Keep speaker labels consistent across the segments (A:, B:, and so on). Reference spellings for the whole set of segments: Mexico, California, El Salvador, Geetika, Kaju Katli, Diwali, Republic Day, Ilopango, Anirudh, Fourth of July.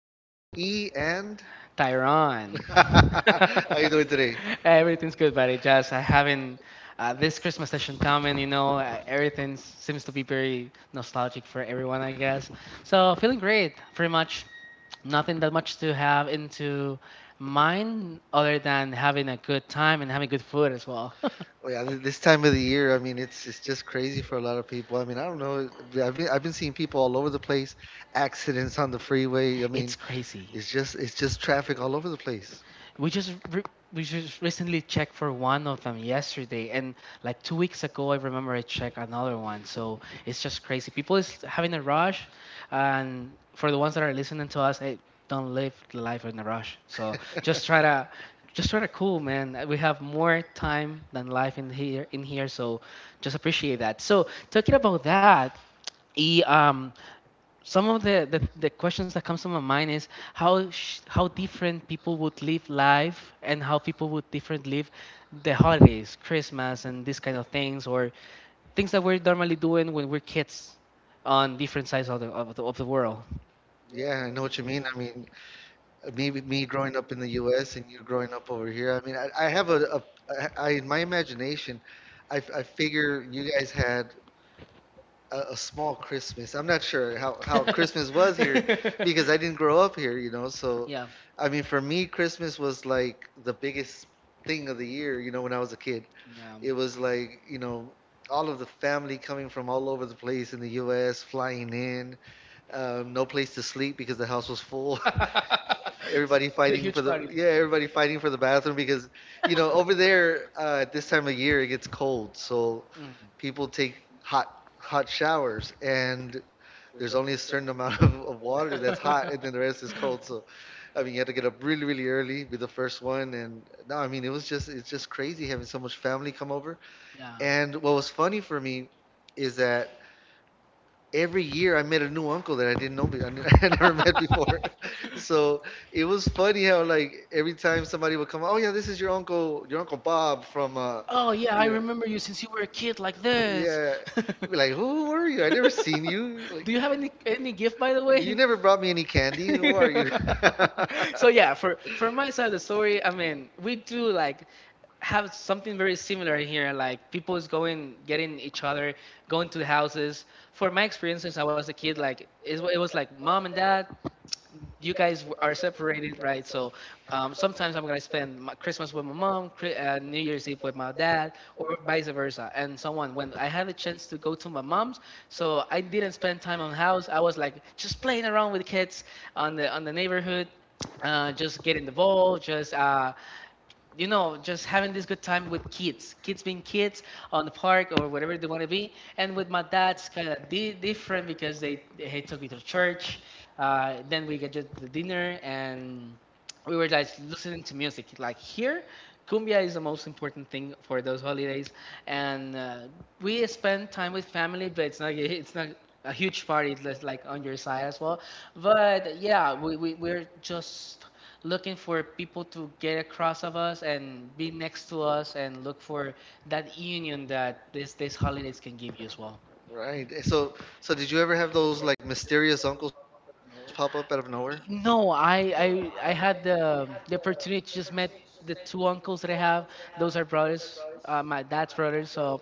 A: with E and
B: Tyrone.
A: How you doing today?
B: Everything's good, buddy. Just I haven't this Christmas session coming. Everything seems to be very nostalgic for everyone, I guess. So feeling great. Pretty much nothing that much to have into mind other than having a good time and having good food as well.
A: Oh yeah, this time of the year, I mean, it's just crazy for a lot of people. I mean, I don't know. I've been seeing people all over the place, accidents on the freeway. I mean,
B: It's crazy.
A: it's just traffic all over the place.
B: We just we just recently checked for one of them yesterday, and like 2 weeks ago, I remember I checked another one. So it's just crazy. People is having a rush, and for the ones that are listening to us, hey, don't live the life in a rush. So just try to cool, man. We have more time than life in here, so just appreciate that. So talking about that, e some of the questions that comes to my mind is how how different people would live life and how people would different live the holidays, Christmas, and these kind of things or things that we're normally doing when we're kids on different sides of the world.
A: Yeah, I know what you mean. I mean, maybe me growing up in the U.S. and you growing up over here. I mean, I have a I in my imagination, I figure you guys had a small Christmas. I'm not sure how Christmas was here, Because I didn't grow up here. So,
B: yeah
A: I mean, for me, Christmas was like the biggest thing of the year, when I was a kid.
B: yeah
A: It was like, all of the family coming from all over the place in the U.S., flying in, no place to sleep because the house was full. everybody fighting for the Yeah, everybody fighting for the bathroom because over there at this time of year it gets cold, so
B: Mm,
A: people take hot hot showers and there's only a certain amount of water that's hot and then the rest is cold. So I mean, you had to get up really, really early, be the first one. And no, I mean, it's just crazy having so much family come over.
B: yeah.
A: And what was funny for me is that every year I met a new uncle that I didn't know, I never met before. So it was funny how, like, every time somebody would come, oh yeah, this is your uncle Bob from,
B: Oh yeah, I
A: you know,
B: remember you since you were a kid like.
A: yeah, I'd be like, who were you? I never seen you. Like,
B: Do you have any gift by the.
A: you never brought me any candy. Who are you?
B: So yeah, for my side of the story, I mean, we do like have something very similar here. Like people is going getting each other, going to the houses. For my experience, since I was a kid. Like it was like mom and dad you guys are separated, right? So sometimes I'm gonna spend my Christmas with my mom, New Year's Eve with my dad, or vice versa, and so on. When I had a chance to go to my mom's, so I didn't spend time on house. I was like just playing around with kids on the neighborhood, just getting the ball, just just having this good time with kids, kids being kids on the park or whatever they want to be. And with my dad, it's kind of different because they took me to church. Then we get just the dinner and we were like listening to music. Like here, cumbia is the most important thing for those holidays, and we spend time with family, but it's not a huge party. It's just like on your side as well. But yeah, we we're just looking for people to get across of us and be next to us and look for that union that this these holidays can give you as well.
A: Right. So did you ever have those, like, mysterious uncles pop up out of nowhere?
B: No, I had the opportunity to just met the two uncles that I have. Those are brothers, my dad's brothers. So,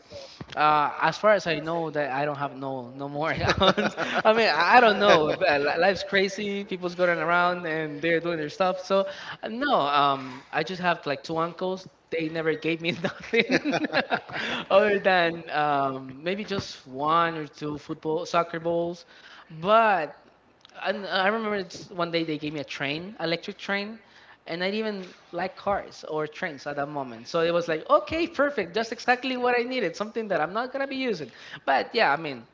B: as far as I know, that I don't have no more aunts. I mean, I don't know. But life's crazy. People's going around and they're doing their stuff. So, no, I just have like two uncles. They never gave me nothing other than maybe just one or two football soccer balls, but and I remember it's one day they gave me a train, electric train, and I didn't even like cars or trains at that moment. So it was like, okay, perfect, just exactly what I needed, something that I'm not gonna be using. But yeah, I mean,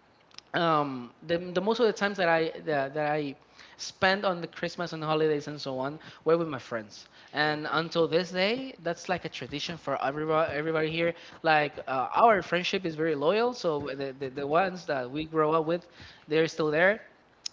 B: the most of the times that that I spend on the Christmas and holidays and so on were with my friends. And
A: Okay.
B: until this day, that's like a tradition for everybody, everybody here. Like our friendship is very loyal, so the ones that we grow up with, they're still there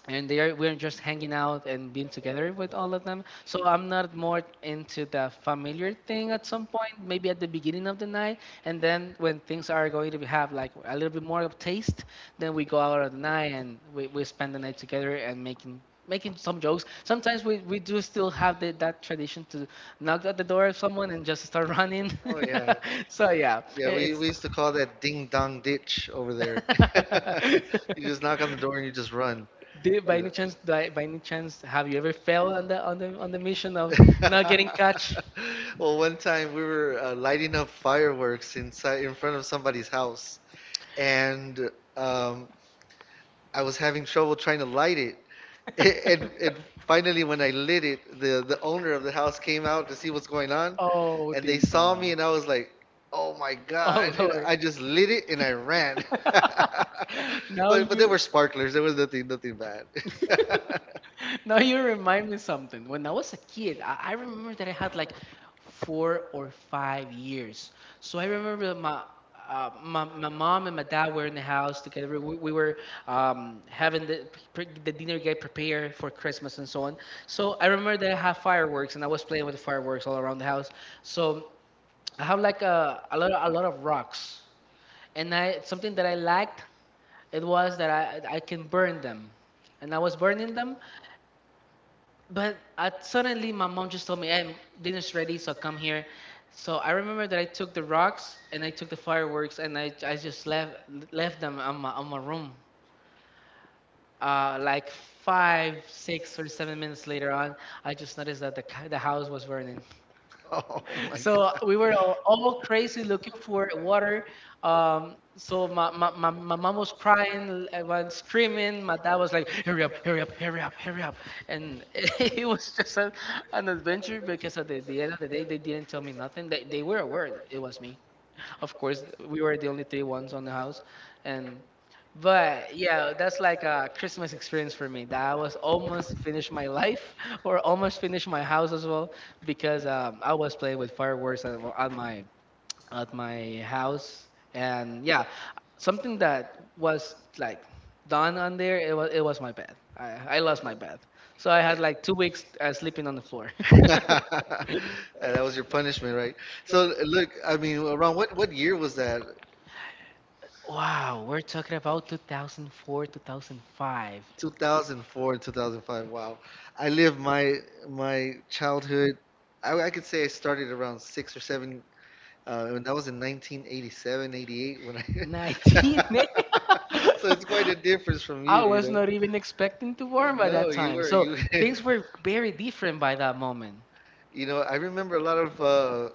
B: and they are we're just hanging out and being together with all of them. So I'm not more into the familiar thing at some point, maybe at the beginning of the night, and then when things are going to have like a little bit more of taste, then we go out at the night and we spend the night together and making some jokes. Sometimes we do still have that tradition to knock at the door of someone and just start running.
A: Oh yeah.
B: So yeah,
A: Yeah,
B: it-
A: we,
B: it's.
A: we used to call that ding dong ditch over there. You just knock on the door and you just run.
B: Did by
A: You
B: any
A: know.
B: chance, by any chance, have you ever failed on the on the on the mission of
A: my touched.
B: not getting catch?
A: Well, one time we were lighting up fireworks inside in front of somebody's house, and um, I was having trouble trying to light it. And finally, when I lit it, the owner of the house came out to see what's going on,
B: Oh,
A: and they
B: ding
A: saw me,
B: dong!
A: and I was like, "Oh my god!"
B: Oh
A: And
B: Lord!
A: I just lit it and I ran.
B: Now
A: But they
B: you.
A: were sparklers. There was nothing bad.
B: Now you remind me something. When I was a kid, I remember that I had like 4 or 5 years. So I remember that my mom and my dad were in the house together. We were having the dinner get prepared for Christmas and so on. So I remember that I had fireworks and I was playing with the fireworks all around the house. So I have like a lot of rocks, and I something that I liked it was that I can burn them and I was burning them, but I, suddenly, my mom just told me, "Hey, dinner's ready, so come here." So I remember that I took the rocks and I took the fireworks and I just left them on my room. Like five, 6 or 7 minutes later on, I just noticed that the house was burning
A: Oh my
B: so
A: god.
B: we were all crazy looking for water. So my mom was crying, I was screaming. My dad was like, hurry up, hurry up, hurry up, hurry up. And it was just an adventure because at the end of the day, they didn't tell me nothing. They were aware it was me. Of course, we were the only three ones on the house, and but yeah, that's like a Christmas experience for me. That I was almost finished my life or almost finished my house as well because I was playing with fireworks at my house, and yeah, something that was like done on there. It was my bed. I lost my bed, so I had like 2 weeks sleeping on the floor.
A: And that was your punishment, right? So look, I mean, around what year was that?
B: Wow, we're talking about 2004, 2005.
A: 2004 and 2005. Wow. I lived my childhood, I could say, I started around six or seven. When that was in 1987, 88. When
B: 19.
A: I so it's quite a difference from you,
B: I
A: you
B: was
A: know.
B: not even expecting to warm by
A: No,
B: that
A: you
B: time.
A: were
B: So
A: you.
B: things were very different by that moment.
A: I remember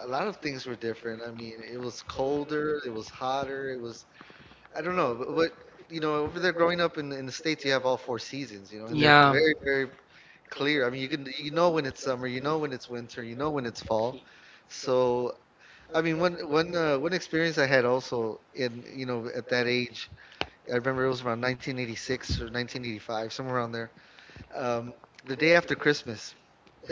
A: a lot of things were different. I mean, it was colder, it was hotter, it was, I don't know, but over there growing up in the States, you have all four seasons, and they're
B: Yeah.
A: very, very clear. I mean, you know when it's summer, you know when it's winter, you know when it's fall. So, I mean, one experience I had also in you know at that age, I remember it was around 1986 or 1985, somewhere around there. Um, the day after Christmas,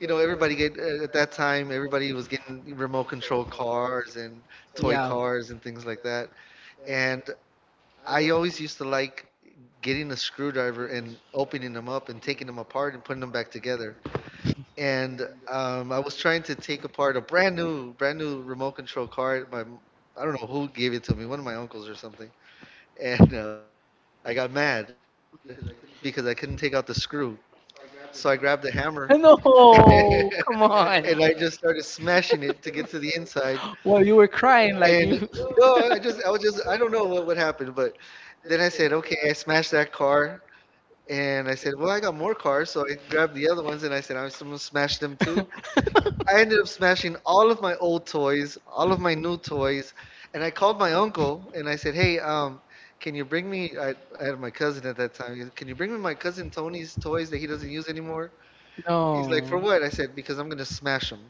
A: you know, everybody get at that time, everybody was getting remote control cars and toy
B: Yeah.
A: cars and things like that. And I always used to like getting a screwdriver and opening them up and taking them apart and putting them back together. And I was trying to take apart a brand new remote control car. I don't know who gave it to me, one of my uncles or something. And I got mad because I couldn't take out the screw, so I grabbed a hammer and
B: No, come
A: I just
B: on.
A: started smashing it to get to the inside.
B: Well, you were crying
A: And
B: like you.
A: no, I was just, I don't know what happened, but then I said, okay, I smashed that car. And I said, well, I got more cars, so I grabbed the other ones and I said, I'm gonna smash them too. I ended up smashing all of my old toys, all of my new toys, and I called my uncle and I said, "Hey, can you bring me?" I had my cousin at that time. Can you bring me my cousin Tony's toys that he doesn't use anymore? He's like, "For
B: No.
A: what?" I said, "Because I'm gonna smash them."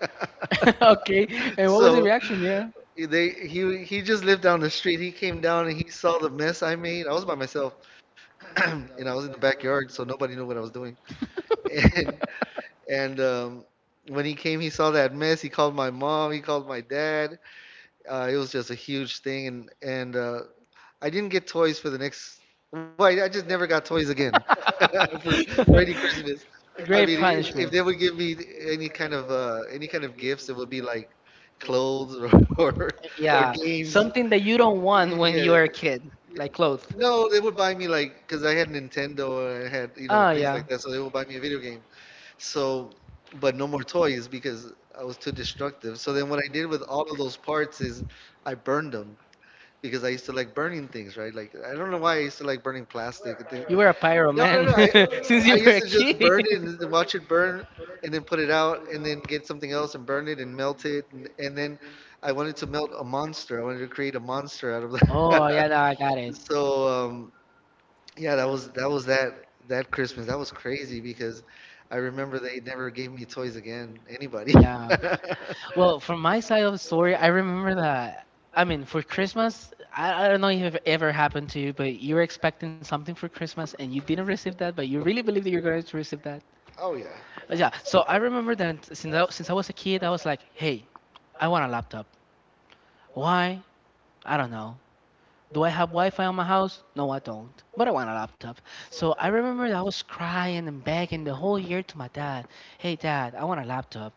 B: Okay. And what was the
A: So
B: reaction? Yeah. Or
A: they he just lived down the street. He came down and he saw the mess I made. I was by myself and I was in the backyard, so nobody knew what I was doing. And and when he came, he saw that mess. He called my mom. He called my dad. It was just a huge thing. And I didn't get toys for the next. Well, I just never got toys again for for any Christmas. I mean, if they would give me any kind of gifts, it would be like clothes or or, or games.
B: something that you don't want when yeah, you
A: Yeah,
B: are a kid, like clothes.
A: no, they would buy me, like, because I had Nintendo and I had things like that, so they would buy me a video game. So, but no more toys because I was too destructive. So then what I did with all of those parts is I burned them, because I used to like burning things, right? Like, I don't know why I used to like burning plastic and things.
B: Were a plastic. Pyro
A: No, no,
B: man.
A: no.
B: No,
A: I
B: were a I
A: used to just burn it
B: kid.
A: and then watch it burn and then put it out and then get something else and burn it and melt it, and then I wanted to melt a monster. I wanted to create a monster out of that.
B: Oh yeah, no, I got it.
A: So yeah, that was that Christmas. That was crazy because I remember they never gave me toys again, anybody.
B: Yeah. Well, from my side of the story, I remember that. I mean, for Christmas, I don't know if it ever happened to you, but you were expecting something for Christmas and you didn't receive that, but you really believe that you're going to receive that.
A: Oh yeah.
B: But yeah, so I remember that since I was a kid, I was like, hey, I want a laptop. Why? I don't know. Do I have Wi-Fi on my house? No, I don't. But I want a laptop. So I remember that I was crying and begging the whole year to my dad, "Hey, dad, I want a laptop."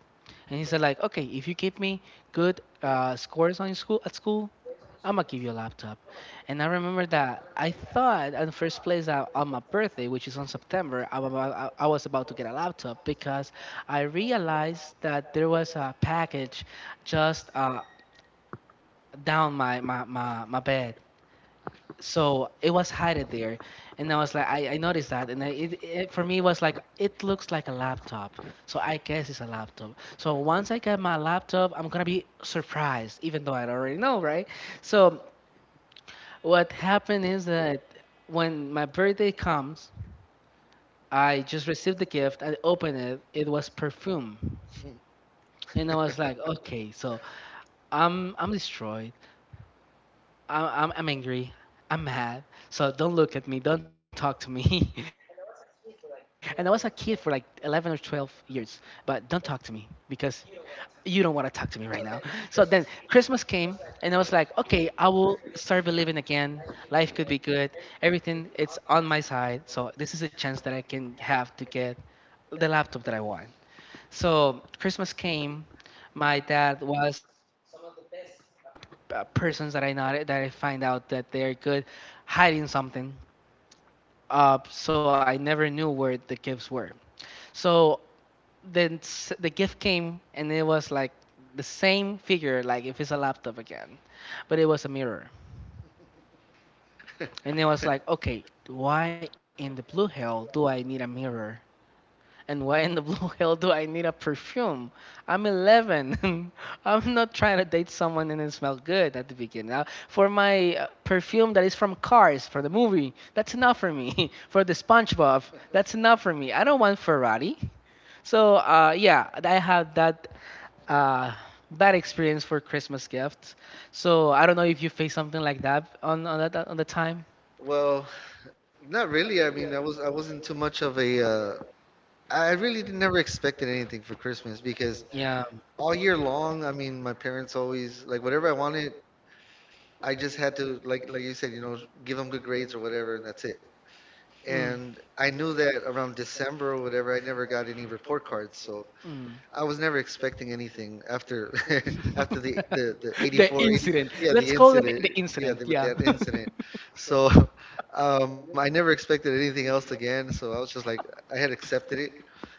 B: And he said, "Like, okay, if you give me good scores on your school, I'm gonna give you a laptop." And I remember that I thought at the first place that on my birthday, which is on September, I, wa- I was about to get a laptop because I realized that there was a package just down my bed so it was hidden there and I noticed that and it for me it was like it looks like a laptop so I guess it's a laptop so once I get my laptop I'm gonna be surprised even though I already know right so what happened is that when my birthday comes I just received the gift I opened it it was perfume and I was like okay so I'm destroyed. I'm angry. I'm mad. So don't look at me. Don't talk to me. And I was a kid for like 11 or 12 years. But don't talk to me because you don't want to talk to me right now. So then Christmas came and I was like, okay, I will start believing again. Life could be good. Everything it's on my side. So this is a chance that I can have to get the laptop that I want. So Christmas came. My dad was persons that I not that I find out that they are good hiding something. So I never knew where the gifts were. So then the gift came and it was like the same figure, like if it's a laptop again, but it was a mirror. And it was like, okay, why in the blue hell do I need a mirror? And why in the blue hell do I need a perfume? I'm 11. I'm not trying to date someone and then smell good at the beginning. Now, for my perfume that is from Cars, for the movie, that's enough for me. For the SpongeBob, that's enough for me. I don't want Ferrari. So, yeah, I have that uh, bad experience for Christmas gifts. So, I don't know if you face something like that that, on the time.
A: Well, not really. I mean, I wasn't too much of a I really did never expected anything for Christmas because
B: Yeah.
A: all year long, I mean, my parents, always, like whatever I wanted, I just had to, like you said, give them good grades or whatever, and that's it.
B: Mm,
A: And I knew that around December or whatever, I never got any report cards, so
B: mm.
A: I was never expecting anything after after the eighty
B: The
A: four, 80
B: incident.
A: yeah, the
B: Let's call it
A: incident,
B: the
A: yeah,
B: incident.
A: with
B: Yeah.
A: that incident. So I never expected anything else again, so I was just like I had accepted it,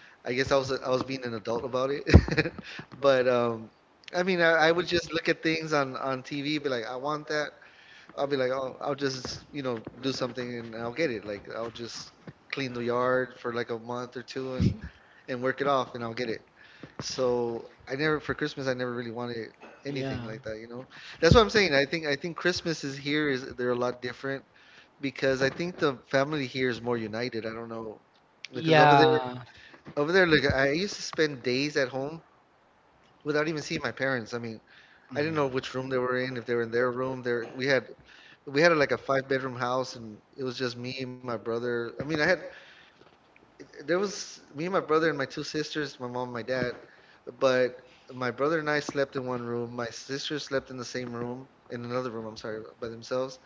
A: I guess. I was being an adult about it. But I mean, I would just look at things on TV, be like, I want that, I'll be like, oh, I'll just do something and I'll get it. Like, I'll just clean the yard for like a month or two and work it off and I'll get it. So I never, for Christmas, I never really wanted anything
B: Yeah.
A: like that. That's what I'm saying. I think Christmas is here is, they're a lot different because I think the family here is more united. I don't know, because over there,
B: Yeah.
A: look, I used to spend days at home without even seeing my parents. I mean, I didn't know
B: Mm.
A: which room they were in, if they were in their room. There we had like a five-bedroom house, and it was just me, my brother. I mean, I had there was me and my brother and my two sisters, my mom, my dad, but my brother and I slept in one room. My sister slept in the same room, in another room, I'm sorry, by themselves,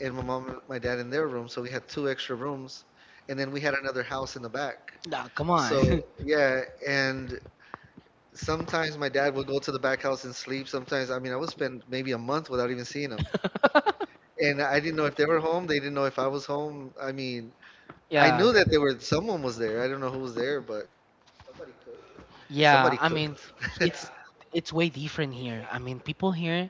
A: and my mom and my dad in their room. So we had two extra rooms, and then we had another house in the back.
B: Nah, come on.
A: So yeah, and sometimes my dad would go to the back house and sleep. Sometimes, I mean, I would spend maybe a month without even seeing him. And I didn't know if they were home. They didn't know if I was home. I mean, I
B: Yeah.
A: knew that there were someone was there. I don't know who was there, but somebody cooked.
B: Yeah. I mean, it's it's way different here. I mean, people here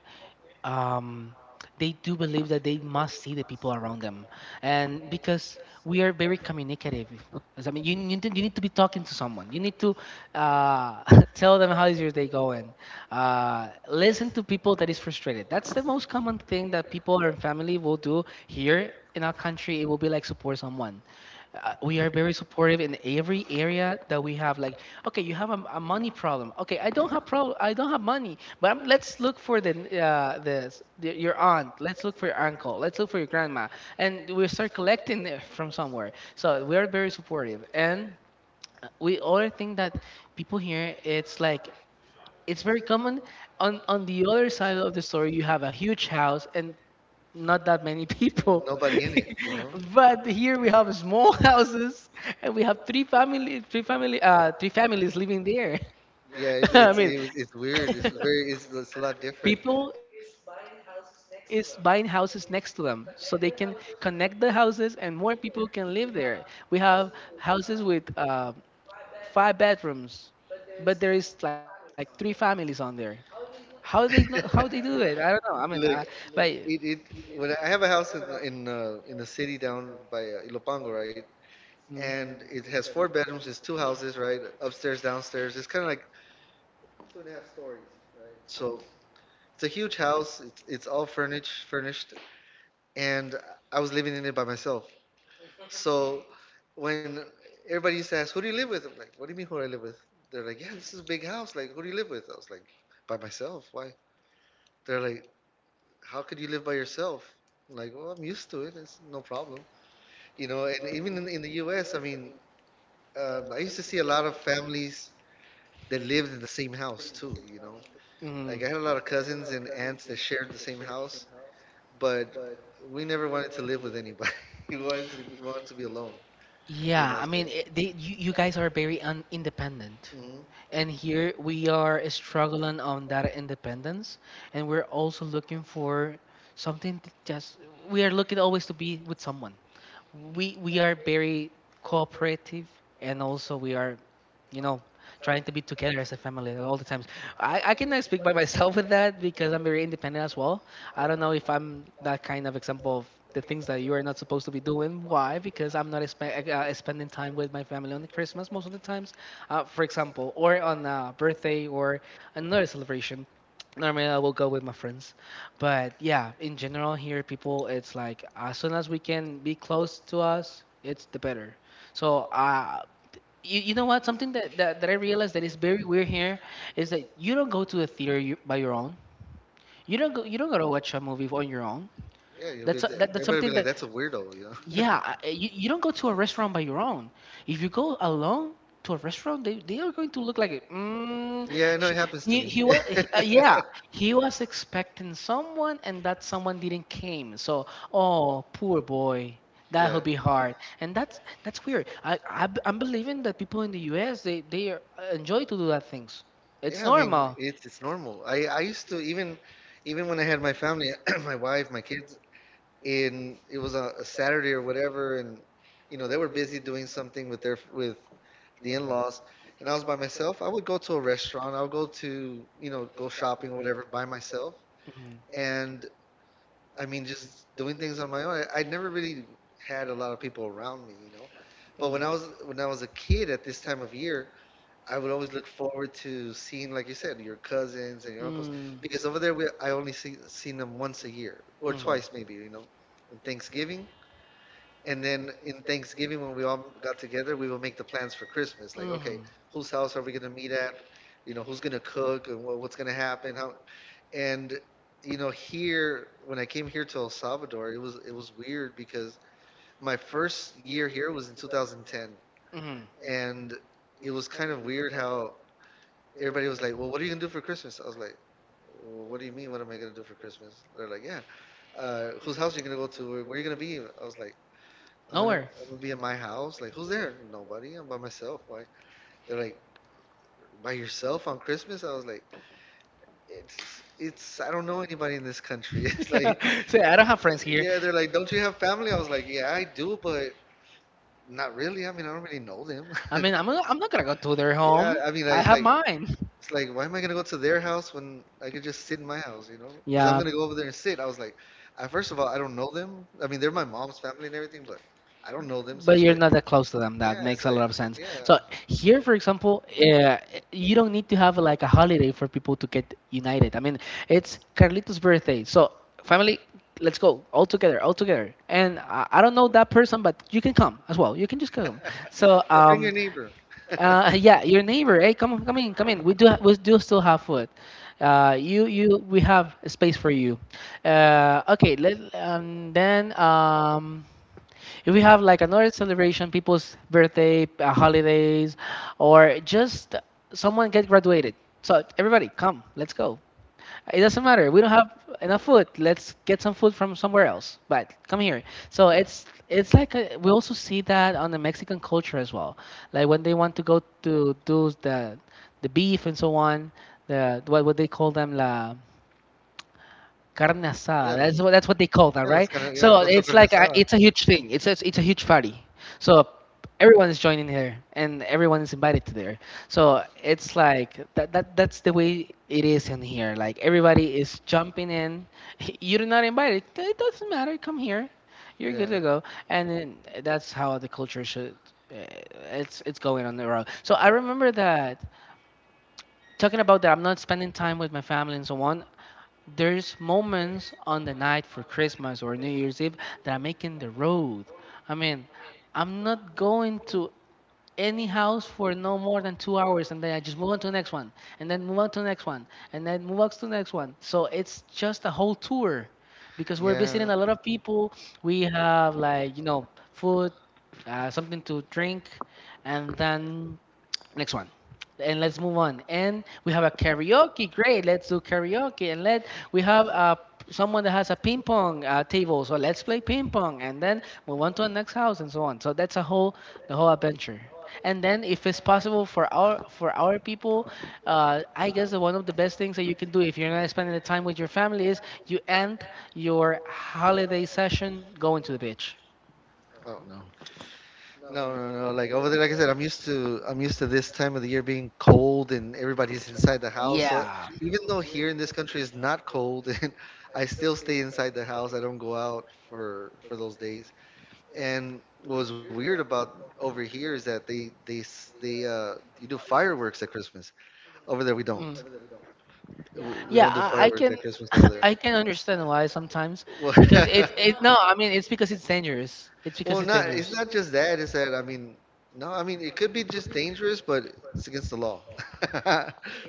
B: um, they do believe that they must see the people around them, and because we are very communicative. Because, I mean, you need to be talking to someone. You need to uh, tell them how is your day going. Listen to people that is frustrated. That's the most common thing that people or family will do here in our country. It will be like support someone, we are very supportive in every area that we have, like, okay, you have a money problem. Okay, I don't have problem, I don't have money, but let's look for your aunt, let's look for your uncle, let's look for your grandma, and we start collecting it from somewhere. So we are very supportive, and we other thing that people here, it's like, it's very common on the other side of the story. You have a huge house and not that many people.
A: Nobody in it.
B: But here we have small houses, and we have three families living there.
A: Yeah, it's
B: I
A: it's
B: mean,
A: it's weird. It's a lot different.
B: people is buying houses next to them so they can connect the houses and more people can live there. We have houses with five bedrooms, but there is like three families on there. How they know, how they do it? I don't know. I mean, but
A: Look, it when I have a house in in the city down by Ilopango, right?
B: mm.
A: And it has four bedrooms. It's two houses, right? Upstairs, downstairs. It's kind of like so. It's a huge house. It's all furnished. And I was living in it by myself. So when everybody says, "Who do you live with?" I'm like, "What do you mean who do I live with?" They're like, "Yeah, this is a big house. Like, who do you live with?" I was like, "By myself. Why?" They're like, "How could you live by yourself?" I'm like, "Well, I'm used to it. It's no problem." You know, and even in the U.S., I mean, I used to see a lot of families that lived in the same house too. You know,
B: Mm.
A: like I had a lot of cousins and aunts that shared the same house, but we never wanted to live with anybody. We wanted to be alone. You
B: Yeah,
A: know,
B: I
A: so.
B: mean, it, they you guys are very un independent.
A: Mhm.
B: And here we are struggling on that independence, and we're also looking for something that just we are looking always to be with someone. We are very cooperative, and also we are you know trying to be together as a family all the times. I cannot speak by myself with that because I'm very independent as well. I don't know if I'm that kind of example of the things that you are not supposed to be doing. Why? Because I'm not spending time with my family on the Christmas most of the times, for example, or on a birthday or another celebration. Normally, I will go with my friends, but yeah, in general, here people, it's like as soon as we can be close to us, it's the better. So, you know what? Something that I realized that is very weird here is that you don't go to a theater by your own. You don't go. You don't go to watch a movie on your own.
A: Yeah, you'll be
B: That's
A: there.
B: that, that's
A: Everybody will be
B: something
A: like,
B: that,
A: that's a weirdo, you know?
B: yeah, you don't go to a restaurant by your own. If you go alone to a restaurant, they are going to look like,
A: Yeah, I know it
B: he,
A: happens to
B: he,
A: me.
B: he was, yeah, he was expecting someone and that someone didn't came. So, oh, poor boy,
A: Yeah.
B: that'll be hard. And that's weird. I'm believing that people in the U.S., they are, enjoy to do that things. It's
A: Yeah, I mean,
B: normal.
A: it's normal. I used to even when I had my family, my wife, my kids, and it was a Saturday or whatever, and you know they were busy doing something with their with the in-laws, and I was by myself. I would go to a restaurant. I would go to go shopping, whatever, by myself.
B: Mhm,
A: And I mean, just doing things on my own. I never really had a lot of people around me. But when I
B: mhm.
A: was a kid at this time of year, I would always look forward to seeing, like you said, your cousins and your uncles, because over there I only seen them once a year or
B: Mhm.
A: twice maybe, you know, in Thanksgiving. And then in Thanksgiving, when we all got together, we would make the plans for Christmas. Like,
B: Mhm.
A: okay, whose house are we gonna meet at? You know, who's gonna cook and what's gonna happen? How and you know here when I came here to El Salvador, it was weird because my first year here was in 2010,
B: Mm-hmm.
A: and it was kind of weird how everybody was like, "Well, what are you gonna do for Christmas?" I was like, well, "What do you mean? What am I gonna do for Christmas?" They're like, "Yeah, whose house are you gonna go to? Where are you gonna be?" I was like,
B: Nowhere.
A: I'm gonna be at my house. Like, who's there? Nobody. I'm by myself. Why?" They're like, "By yourself on Christmas?" I was like, "It's it's I don't know anybody in this country. It's
B: Like,
A: like"
B: like, see, I don't have friends here.
A: Yeah, they're like, "Don't you have family?" I was like, "Yeah, I do, but not really. I mean, I don't really know them."
B: I mean, I'm not gonna go to their
A: Yeah,
B: home.
A: I mean, like,
B: I mine. I'm.
A: it's like why am I gonna go to their house when I could just sit in my house, you know? Because I'm
B: Yeah.
A: gonna go over there and sit. I was like, I first of all, I don't know them. I mean, they're my mom's family and everything, but I don't know them, so
B: But you're not that close to them. That
A: it's
B: makes a
A: like,
B: lot of sense.
A: yeah,
B: So here, for example, you don't need to have like a holiday for people to get united. I mean, it's Carlito's birthday, so family, let's go all together, all together. And I don't know that person, but you can come as well. You can just come. So,
A: yeah, bring
B: um,
A: your neighbor.
B: yeah, your neighbor. Hey, come on, come in, come in. We do still have food. You you We have space for you. Okay, let then if we have like another celebration, people's birthday, holidays, or just someone get graduated. So everybody, come, let's go. It doesn't matter. We don't have enough food. Let's get some food from somewhere else. But come here. So it's like we also see that on the Mexican culture as well. Like when they want to go to do the beef and so on, the what they call them la Carne asada.
A: Yeah,
B: That's what they call that,
A: yeah, let's
B: right?
A: yeah,
B: So it's like
A: asada.
B: it's a huge thing. It's a huge party. So everyone is joining here, and everyone is invited to there. So it's like that's the way it is in here. Like everybody is jumping in. You're not invited. It doesn't matter. Come here. You're good
A: Yeah,
B: to go. And then that's how the culture should. uh, it's going on the road. So I remember that talking about that I'm not spending time with my family and so on, there's moments on the night for Christmas or New Year's Eve that I'm making the road. I mean, I'm not going to any house for no more than 2 hours, and then I just move on to the next one, and then move on to the next one, and then move on to the next one. So it's just a whole tour because we're
A: yeah.
B: visiting a lot of people. We have, like, food, something to drink, and then next one. And let's move on. And we have a karaoke. Great. Let's do karaoke. And let we have someone that has a ping pong table. So let's play ping pong. And then move on to the next house and so on. So that's a whole the whole adventure. And then if it's possible for our people, I guess one of the best things that you can do if you're not spending the time with your family is you end your holiday session going to the beach.
A: Oh no. No, no, no. Like over there, like I said, I'm used to this time of the year being cold and everybody's inside the house. So
B: Yeah.
A: even though here in this country is not cold, and I still stay inside the house. I don't go out for those days. And what was weird about over here is that they s- they you do fireworks at Christmas.
B: Mm.
A: Over there we don't.
B: Yeah,
A: We
B: I
A: don't do
B: can
A: fireworks at Christmas
B: I
A: over
B: can
A: there.
B: understand why sometimes
A: Well,
B: because it it no, I mean it's because it's dangerous. It's because it's
A: not it's
B: dangerous.
A: not just that. It's that no, I mean it could be just dangerous, but it's against the law.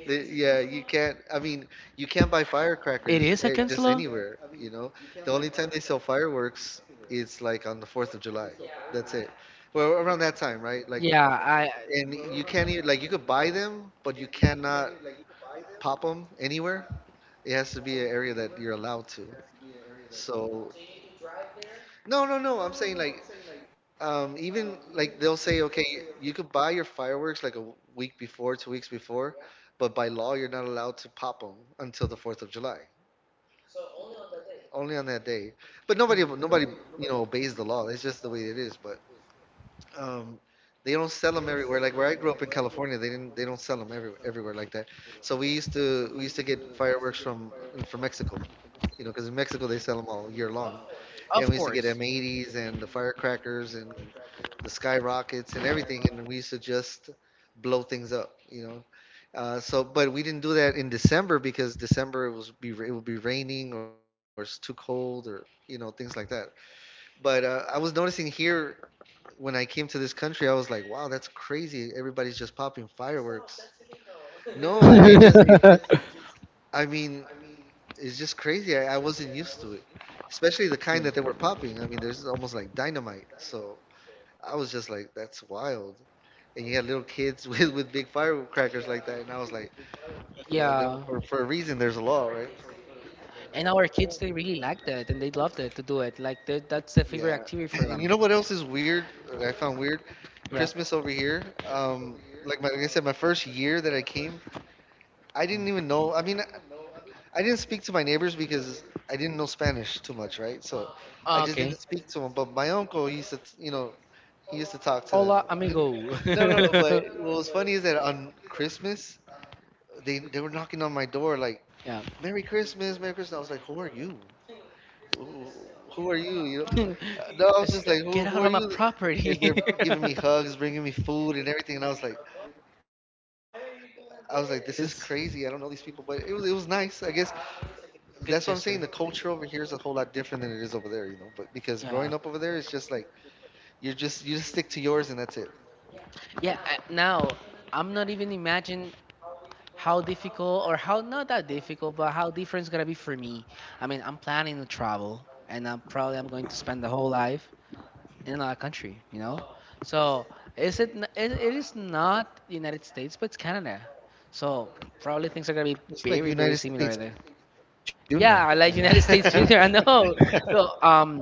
B: It is
A: Yeah,
B: against
A: you
B: law.
A: can't. I mean, you can't buy firecrackers just anywhere. You know, the only time they sell fireworks is like on the 4th of July.
B: Yeah,
A: That's it. Well, around that time, right? Like, and you can't even like you could buy them, but you cannot pop them anywhere. It has to be an area that you're allowed to. So. No, no, no. I'm saying like, even like they'll say, okay, you could buy your fireworks like a week before, 2 weeks before, but by law you're not allowed to pop them until the 4th of July, only on that day. But nobody,
B: mm,
A: nobody, you know, obeys the law. It's just the way it is. But um, they don't sell them everywhere. Like where I grew up in California, they don't sell them everywhere like that. So we used to get fireworks from Mexico. You know, because in Mexico they sell them all year long.
B: of
A: And we used to
B: course.
A: get M80s and the firecrackers and the skyrockets and everything, and we used to just blow things up, you know. So but we didn't do that in December because December it would be raining or it's too cold or you know things like that. But I was noticing here when I came to this country, I was like, wow, that's crazy. Everybody's just popping fireworks. No, I just it just I mean it's just crazy. I wasn't used to it, especially the kind that they were popping. I mean, there's almost like dynamite. So I was just like, that's wild. And you had little kids with big firecrackers like that, and I was like,
B: Yeah.
A: well, I don't- for a reason, there's a law, right?
B: And our kids, they really liked it, and they loved it to do it. Like that's the favorite activity for them.
A: Yeah. And you know what else is weird that I found weird?
B: Yeah.
A: Christmas over here. Like like I said, my first year that I came, I didn't even know. I mean, I didn't speak to my neighbors because I didn't know Spanish too much, right? So
B: Ah,
A: I just
B: okay.
A: didn't speak to them. But my uncle he used to, you know, he used to talk to
B: Hola,
A: them.
B: amigo.
A: No, no, no, but what was funny is that on Christmas,
B: Yeah.
A: they were knocking on my door like, "Merry Christmas, Merry Christmas." I was like, "Who are you? who, who are
B: Get
A: you?" You
B: out
A: know,
B: of my
A: No,
B: property.
A: I was just like, who are you? And they're giving me hugs, bringing me food and everything, and I was like, this is
B: Yes.
A: crazy. I don't know these people, but it was nice. I guess
B: A good
A: that's what I'm
B: gesture.
A: saying. The culture over here is a whole lot different than it is over there, you know. But because
B: Yeah.
A: growing up over there, it's just like you just stick to yours and that's it.
B: Yeah. Now I'm not even imagine how difficult or how not that difficult, but how different it's gonna be for me. I mean, I'm planning to travel, and I'm probably I'm going to spend the whole life in another country. You know, so is it, n- it is not the United States, but it's Canada. So probably things are gonna be very
A: It's
B: very
A: like United
B: similar there.
A: States Junior, you know.
B: Yeah, I like United States Junior. I know. So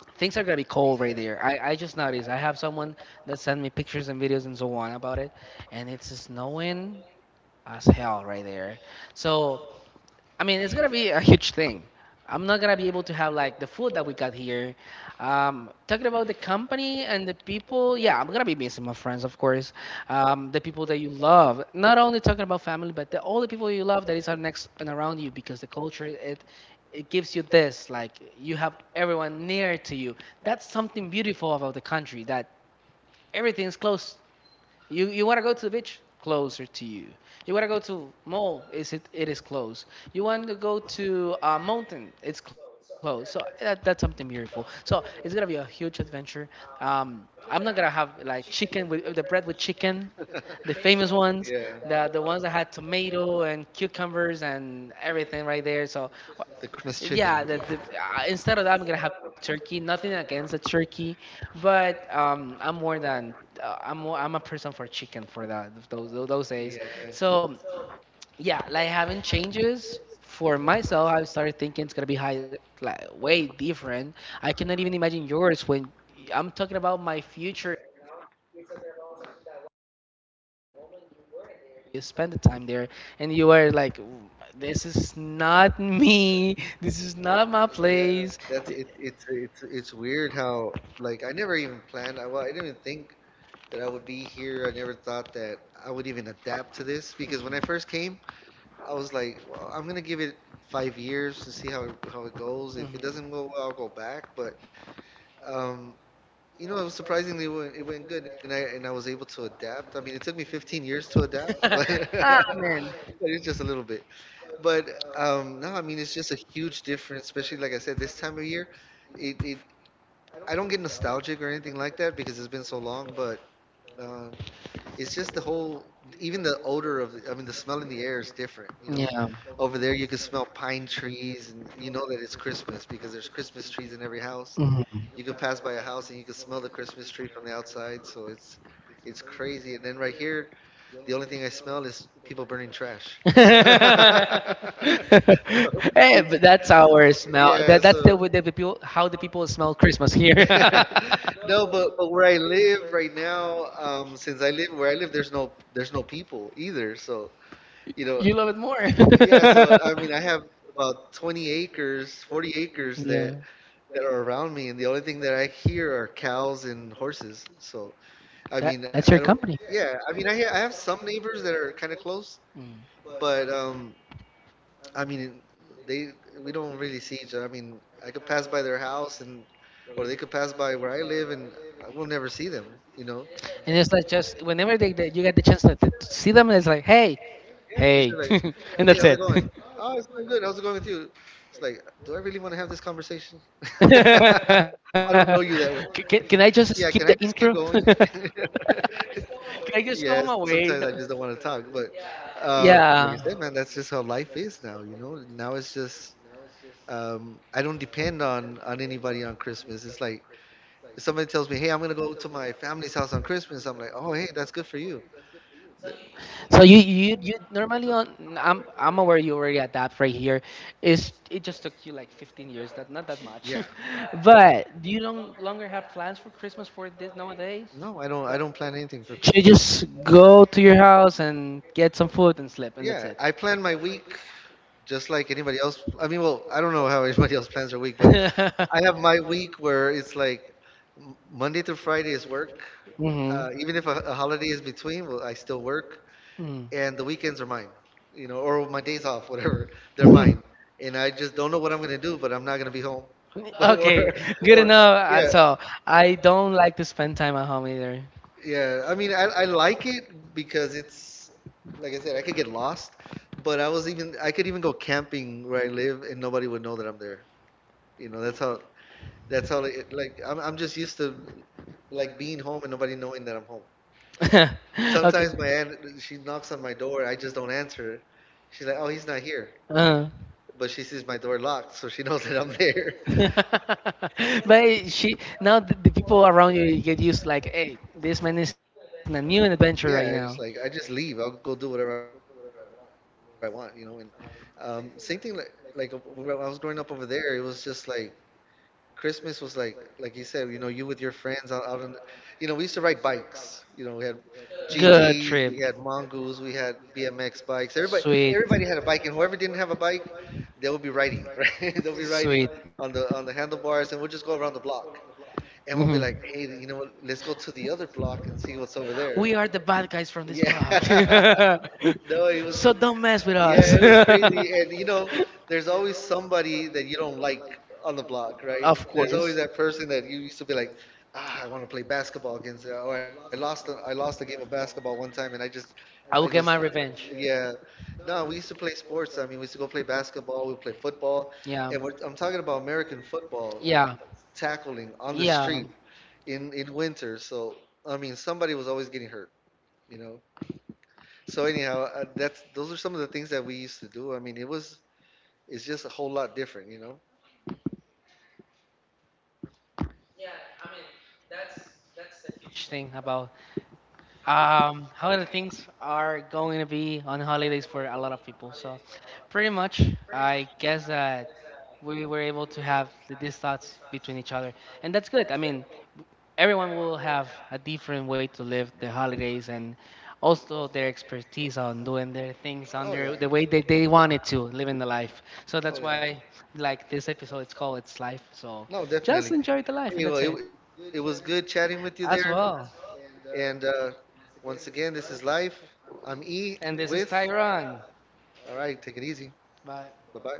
B: things are gonna be cold right there. I just noticed. I have someone that sent me pictures and videos and so on about it, and it's snowing as hell right there. So, I mean, it's gonna be a huge thing. I'm not gonna be able to have like the food that we got here. Talking about the company and the people, yeah, I'm gonna be missing my friends, of course. The people that you love, not only talking about family, but the all the people you love that is are next and around you, because the culture, it gives you this, like you have everyone near to you. That's something beautiful about the country, that everything's close. You want to go to the beach? Closer to you. You want to go to mall? Is it it is close. You want to go to a mountain? It's close. So that's something beautiful. So it's gonna be a huge adventure. Um, I'm not gonna have like chicken with the bread with chicken, the famous ones,
A: Yeah,
B: the ones that had tomato and cucumbers and everything right there. So
A: the Christmas chicken.
B: yeah, instead of that, I'm gonna have turkey. Nothing against the turkey, but I'm more than I'm more, I'm a person for chicken for that those
A: Yeah,
B: days. So yeah, like having changes for myself, I started thinking it's gonna be high, like way different. I cannot even imagine yours when I'm talking about my future. You spend the time there and you are like, this is not me, this is not my
A: yeah.
B: place.
A: That's
B: Th-
A: it. It's weird how like I never even planned. I well, I didn't even think that I would be here. I never thought that I would even adapt to this because when I first came, I was like, well, I'm gonna give it 5 years to see how it goes. If it
B: Mhm.
A: doesn't go well, I'll go back. But um, you know, it was surprisingly, it went good, and I was able to adapt. I mean, it took me 15 years to adapt, but
B: Mhm. Ah, man,
A: but it's just a little bit. But no, I mean it's just a huge difference, especially like I said, this time of year. It I don't get nostalgic or anything like that because it's been so long, but um, it's just the whole, even the odor of, I mean, the smell in the air is different. You know,
B: yeah.
A: over there you can smell pine trees, and you know that it's Christmas because there's Christmas trees in every house.
B: Mhm.
A: You can pass by a house and you can smell the Christmas tree from the outside, so it's crazy. And then right here, the only thing I smell is people burning trash. So
B: But that's our smell.
A: yeah,
B: That's the
A: so
B: way the people how the people smell Christmas here.
A: no, but where I live right now, since I live where I live, there's no people either. So you know,
B: You love it more.
A: yeah. So I mean, I have about 20 acres, 40 acres
B: Yeah.
A: that are around me, and the only thing that I hear are cows and horses. So I mean,
B: That
A: I
B: that's
A: don't.
B: your company.
A: Yeah, I mean, I have some neighbors that are kind of close,
B: Mm.
A: but I mean, they we don't really see each other. I mean, I could pass by their house, and or they could pass by where I live, and I will never see them, you know.
B: And it's like, just whenever they you get the chance to see them, it's like,
A: Yeah,
B: hey,
A: it's just like,
B: hey,
A: hey, how's it going?
B: and that's it.
A: Oh, it's going good. How's it going with you? It's like, do I really want to have this conversation? I don't
B: can,
A: know you that well.
B: can can I just
A: Yeah,
B: skip
A: can
B: the
A: I just keep
B: intro? Can
A: going?
B: I just go
A: Yeah,
B: my
A: sometimes I
B: way?
A: just don't want to talk, but like I said,
B: Yeah.
A: man, that's just how life is now, you know? Now it's just I don't depend on anybody on Christmas. It's like if somebody tells me, "Hey, I'm gonna go to my family's house on Christmas," I'm like, "Oh, hey, that's good for you."
B: So you normally on I'm aware you already adapt right here. Is it just took you like 15 years? That not that much.
A: Yeah.
B: But do you no longer have plans for Christmas for this nowadays?
A: No, I don't. I
B: Like,
A: don't plan anything for
B: you
A: Christmas.
B: just go to your house and get some food and sleep and that's
A: Yeah,
B: it?
A: I plan my week just like anybody else. I mean, well, I don't know how anybody else plans their week, but I have my week where it's like Monday through Friday is work.
B: Mm-hmm.
A: Even if a holiday is between, well, I still work, and the weekends are mine, you know, or my days off, whatever, they're
B: Mm.
A: mine. And I just don't know what I'm gonna do, but I'm not gonna be home. or,
B: Okay, good
A: or
B: enough. Uh,
A: Yeah,
B: So I don't like to spend time at home either.
A: yeah. I mean, I like it because it's like I said, I could get lost, but I could even go camping where I live and nobody would know that I'm there. You know, that's how it, like I'm just used to like being home and nobody knowing that I'm home.
B: Okay.
A: Sometimes my aunt, she knocks on my door, I just don't answer. She's like, "Oh, he's not here,"
B: Uh,
A: but she sees my door locked, so she knows that I'm there.
B: but she now the people around you get used, like, hey, this man is in a new adventure right now.
A: yeah, it's like I just leave. I'll go do whatever I want, you know. And same thing, like when I was growing up over there, it was just like Christmas was like you said, you know, you with your friends out on, you know, we used to ride bikes. You know, we had
B: Good
A: GTS,
B: trip.
A: we had Mongoose, we had BMX bikes.
B: Sweet.
A: Everybody had a bike, and whoever didn't have a bike, they would be riding, right? They'll be riding
B: Sweet.
A: on the handlebars, and we'll just go around the block, and we'll
B: hmm
A: be like, hey, you know what? Let's go to the other block and see what's over there.
B: We are the bad guys from this vlog.
A: Yeah. no, it was,
B: So don't mess with
A: yeah,
B: us.
A: it was crazy. And you know, there's always somebody that you don't like on the block, right?
B: Of
A: There's always that
B: course.
A: person that you used to be like, ah, I want to play basketball against her. Or I lost, I lost a game of basketball one time, and I just,
B: I will get my revenge.
A: yeah. No, we used to play sports. I mean, we used to go play basketball. We play football, and
B: Yeah, yeah.
A: I'm talking about American football, like
B: Yeah.
A: tackling on the street
B: Yeah.
A: in winter. So I mean, somebody was always getting hurt, you know. So anyhow, that's those are some of the things that we used to do. I mean, it's just a whole lot different, you know.
B: Thing about how the things are going to be on holidays for a lot of people. So pretty much I guess that we were able to have these thoughts between each other. And that's good. I mean, everyone will have a different way to live the holidays and also their expertise on doing their things
A: Oh
B: on
A: yeah,
B: the way that they wanted to living the life. So
A: oh
B: that's
A: yeah.
B: why, like, this episode, it's called, It's Life. So
A: No,
B: just
A: definitely.
B: enjoy the life, and that's
A: Anyway,
B: it
A: it was good chatting with you there.
B: as well.
A: And once again, this is Life. I'm E
B: And this is
A: with.
B: Tyron.
A: All right, take it easy. Bye
B: Bye.
A: bye.